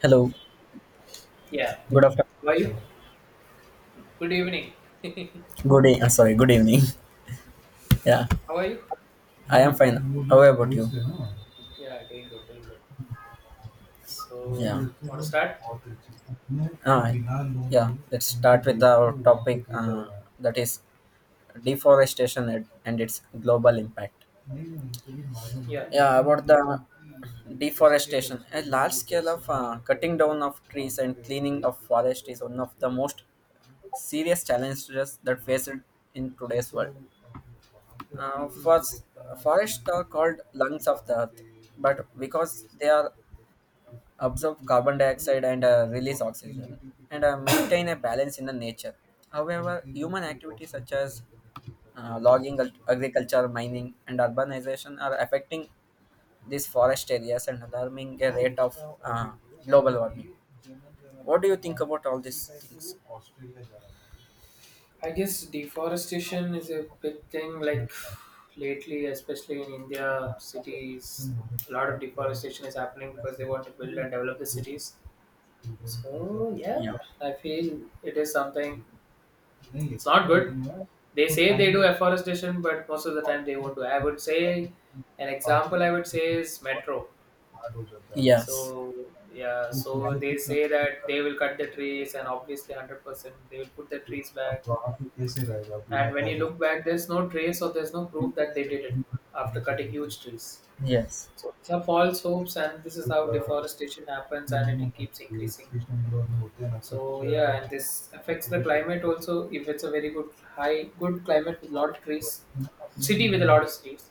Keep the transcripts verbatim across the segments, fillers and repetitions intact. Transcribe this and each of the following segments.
Hello. Yeah. Good afternoon. How are you? Good evening. Good day. i sorry. Good evening. Yeah, How are you? I am fine. How about you? Yeah, doing good, doing good. So, Yeah. want to start? Ah, yeah. Let's start with our topic. Uh, that is deforestation and and its global impact. Yeah. Yeah, about the deforestation, a large scale of uh, cutting down of trees and cleaning of forest is one of the most serious challenges that face it in today's world. Uh, Hmm. First, forests are called lungs of the earth, but because they are absorb carbon dioxide and uh, release oxygen and uh, maintain a balance in the nature. However, human activities such as uh, logging, ag- agriculture, mining, and urbanization are affecting these forest areas and alarming a rate of uh, global warming. What do you think about all these things? I guess deforestation is a big thing, like lately, especially in India, cities, a lot of deforestation is happening because they want to build and develop the cities. So, yeah, Yeah. I feel it is something, it's not good. They say they do afforestation, but most of the time they won't do. I would say, an example I would say is metro. Yes. So yeah, so they say that they will cut the trees, and obviously, one hundred percent, they will put the trees back. And when you look back, there's no trace or there's no proof that they did it after cutting huge trees. Yes. So these are false hopes, and this is how deforestation happens, and it keeps increasing. So yeah, and this affects the climate also. If it's a very good high good climate with a lot of trees, city with a lot of trees,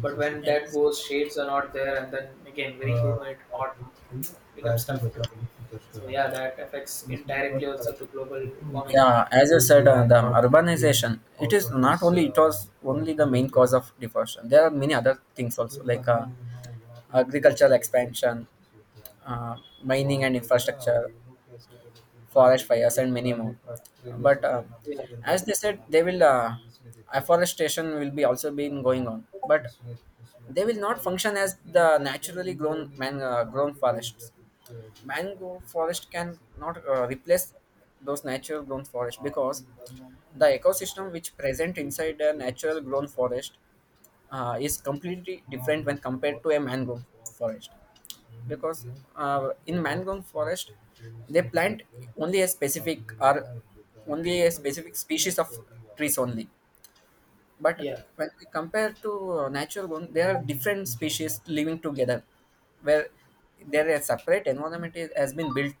but when that Yes. goes, shades are not there, and then again very humid, hot, becomes tough too. So yeah, that affects indirectly also to global warming. Yeah. As I said, uh, the urbanization. It is not only. It was only the main cause of deforestation. There are many other things also, like uh, agricultural expansion, uh, mining and infrastructure, forest fires, and many more. But uh, Yeah. as they said, they will uh, afforestation will be also been going on, but they will not function as the naturally grown man uh, grown forests. Mangrove forest can not uh, replace those natural grown forest because the ecosystem which present inside a natural grown forest uh, is completely different when compared to a mangrove forest because uh, in mangrove forest they plant only a specific or only a Mm. specific species of trees only, but Yeah. when we compare to uh, natural one, there are different species living together where there a separate environment is, has been built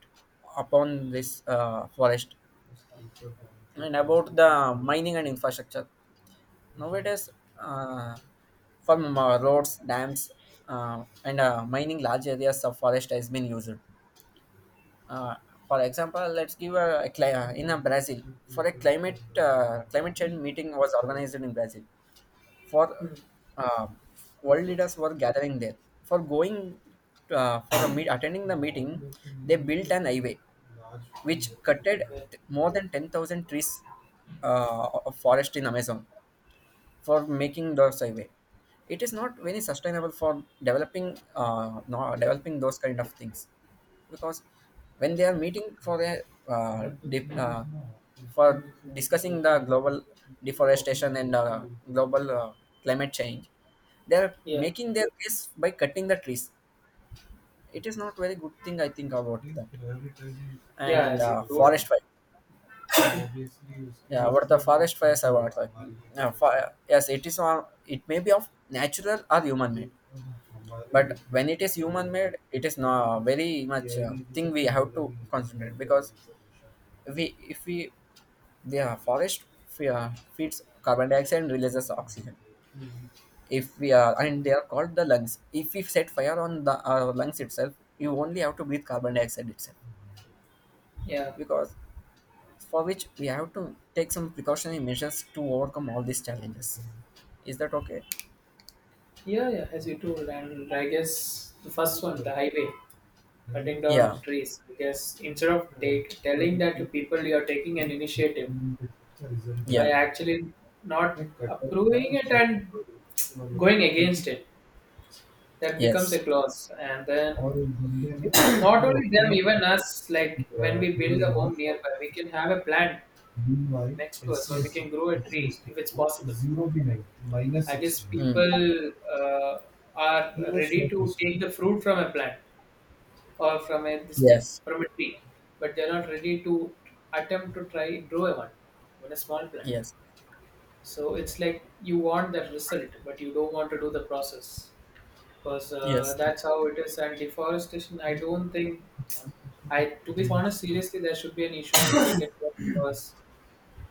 upon this uh, forest. And about the mining and infrastructure nowadays, uh, from uh, roads, dams, uh, and uh, mining, large areas of forest has been used, uh, for example. Let's give a, a cli- uh, in uh, Brazil, for a climate uh, climate change meeting was organized in Brazil for Mm. uh, world leaders were gathering there for going, uh, for a meet, attending the meeting. They built an highway which cutted Yeah. t- more than ten thousand trees uh, of forest in Amazon for making those highway. It is not very sustainable for developing, uh, no, developing those kind of things, because when they are meeting for the uh, dip, uh, for discussing the global deforestation and uh, global uh, climate change, they are Yeah. making their case by cutting the trees. It is not very good thing I think about that. Yeah, And as you uh, told. forest fire. Yeah, what the forest fires I want like. Yeah, fire. Yes, it is on. It may be of natural or human made, Mm. but when it is human made, it is not very much uh, thing we have to concentrate, because we if we the uh, forest fe- uh, feeds carbon dioxide and releases oxygen. If we are, and they are called the lungs. If we set fire on the uh, lungs itself, you only have to breathe carbon dioxide itself, Yeah. because for which we have to take some precautionary measures to overcome all these challenges. Is that okay? Yeah, yeah, as you told. And I guess the first one, the highway, cutting down Yeah, of trees. Because instead of take, telling that to people you are taking an initiative by yeah, actually not approving it and going against it. That becomes a yes, clause, and then it's not only them, even us, like when we build a home nearby we can have a plant next to us, or we can grow a tree if it's possible. I guess people mm, uh, are ready to take the fruit from a plant or from a this thing yes, from a tree, but they're not ready to attempt to try grow one, even a small plant. yes, So it's like you want that result but you don't want to do the process because uh, yes, that's how it is. And deforestation, I don't think, I to be honest, seriously, there should be an issue taken care of because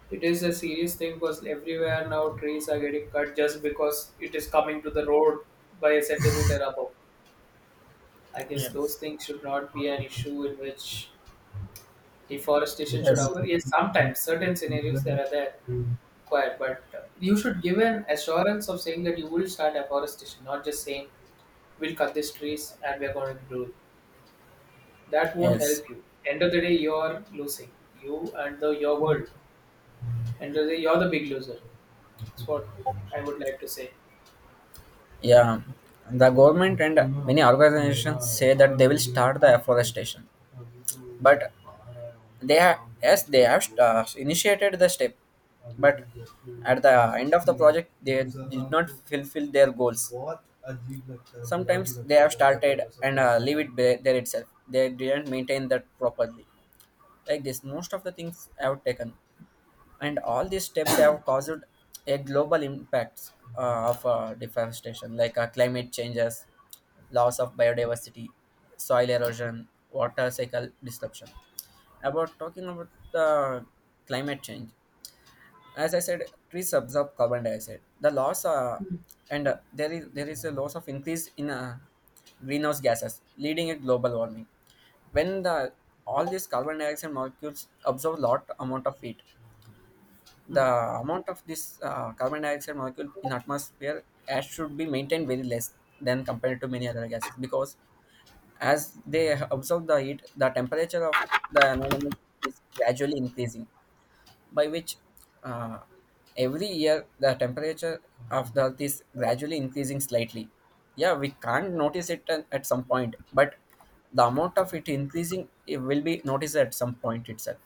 it is a serious thing. Because everywhere now trees are getting cut just because it is coming to the road by a centimeter above. I guess yes, those things should not be an issue in which deforestation should yes, occur. Yes, sometimes certain scenarios there are there required, but uh, you should give an assurance of saying that you will start afforestation, not just saying we'll cut these trees and we're going to do it. That won't yes. help you. End of the day, you're losing. You and the your world. End of the day, you're the big loser. That's what I would like to say. Yeah, the government and many organizations say that they will start the afforestation, but they have, yes, they have uh, initiated the step, but at the end of the project they did not fulfill their goals. Sometimes they have started and uh, leave it be- there itself. They didn't maintain that properly. Like this, most of the things I have taken, and all these steps have caused a global impacts uh, of uh, deforestation, like uh, climate changes, loss of biodiversity, soil erosion, water cycle disruption. About talking about the climate change, as I said, trees absorb carbon dioxide, the loss uh, and uh, there is there is a loss of increase in uh, greenhouse gases, leading a global warming. When the all these carbon dioxide molecules absorb lot amount of heat, the Hmm. amount of this uh, carbon dioxide molecule in atmosphere as should be maintained very less than compared to many other gases, because as they absorb the heat, the temperature of the environment is gradually increasing, by which uh, every year the temperature of the earth is gradually increasing slightly. Yeah, we can't notice it at at some point, but the amount of it increasing it will be noticed at some point itself.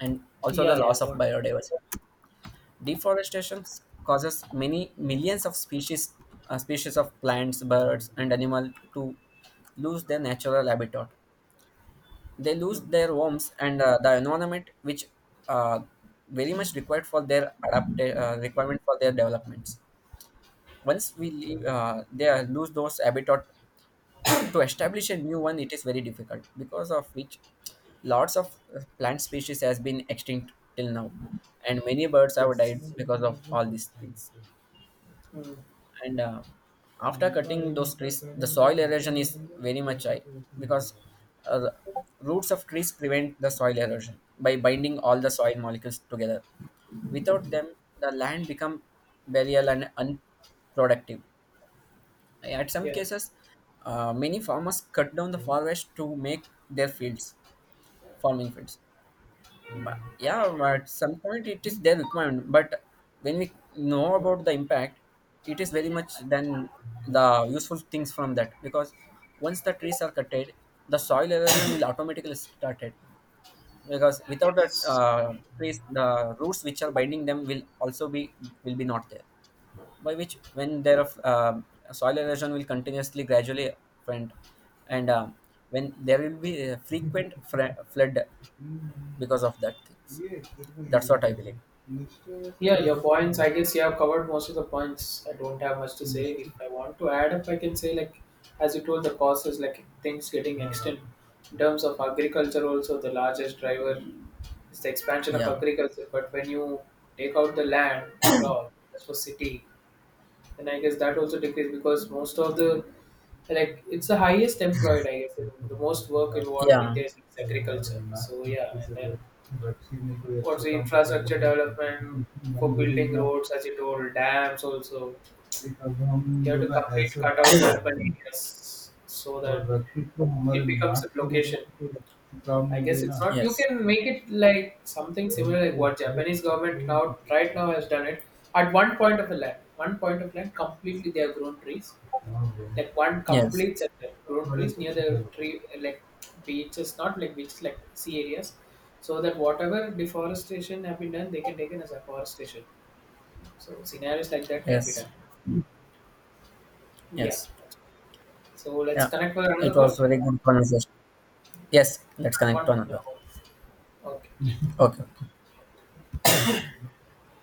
And also the Yeah. loss of Or. biodiversity. Deforestation causes many millions of species, uh, species of plants, birds, and animal to lose their natural habitat. They lose Hmm. their homes and uh, the environment, which uh, very much required for their adapt uh, requirement for their developments. Once we leave, uh, they are- lose those habitat to establish a new one. It is very difficult, because of which lots of uh, plant species has been extinct till now, and many birds have died Yes. because of all these things. Hmm. And uh, after cutting those trees, the soil erosion is very much high, because uh, the roots of trees prevent the soil erosion by binding all the soil molecules together. Without them, the land become burial and unproductive. At some Yeah. cases, uh, many farmers cut down the forest to make their fields, farming fields. But yeah, at some point it is their requirement. But when we know Hmm. about the impact, it is very much then the useful things from that, because once the trees are cutted, the soil erosion will automatically started, because without that Yes. uh, trees, the roots which are binding them will also be, will be not there, by which when there are um soil erosion will continuously gradually friend. And um, when there will be a frequent fre- flood because of that things. That's what I believe. Yeah, your points. I guess you have covered most of the points. I don't have much to say. If I want to add up, I can say like, as you told, the causes like things getting extinct. In terms of agriculture, also the largest driver is the expansion of Yeah, agriculture. But when you take out the land and crop, that's for city, and I guess that also decreased because most of the like it's the highest employed, I guess, the most work in what in yeah, India is agriculture. So yeah, and then what's the infrastructure development for building roads, as you told, dams also. You have to complete cut out the urban areas so that it becomes a location. I guess it's not. You yes, can make it like something similar like what Japanese government now right now has done it. At one point of the land, one point of land, completely they have grown trees like one yes, complete sector grown trees near the tree like beaches, not like beaches, like sea areas, so that whatever deforestation have been done they can take it as afforestation. So scenarios like that can be yes, done. Yeah, yes. so let's Yeah, connect for it another was call very good conversation. Yes, let's connect to one. Yeah. another. Okay. Okay.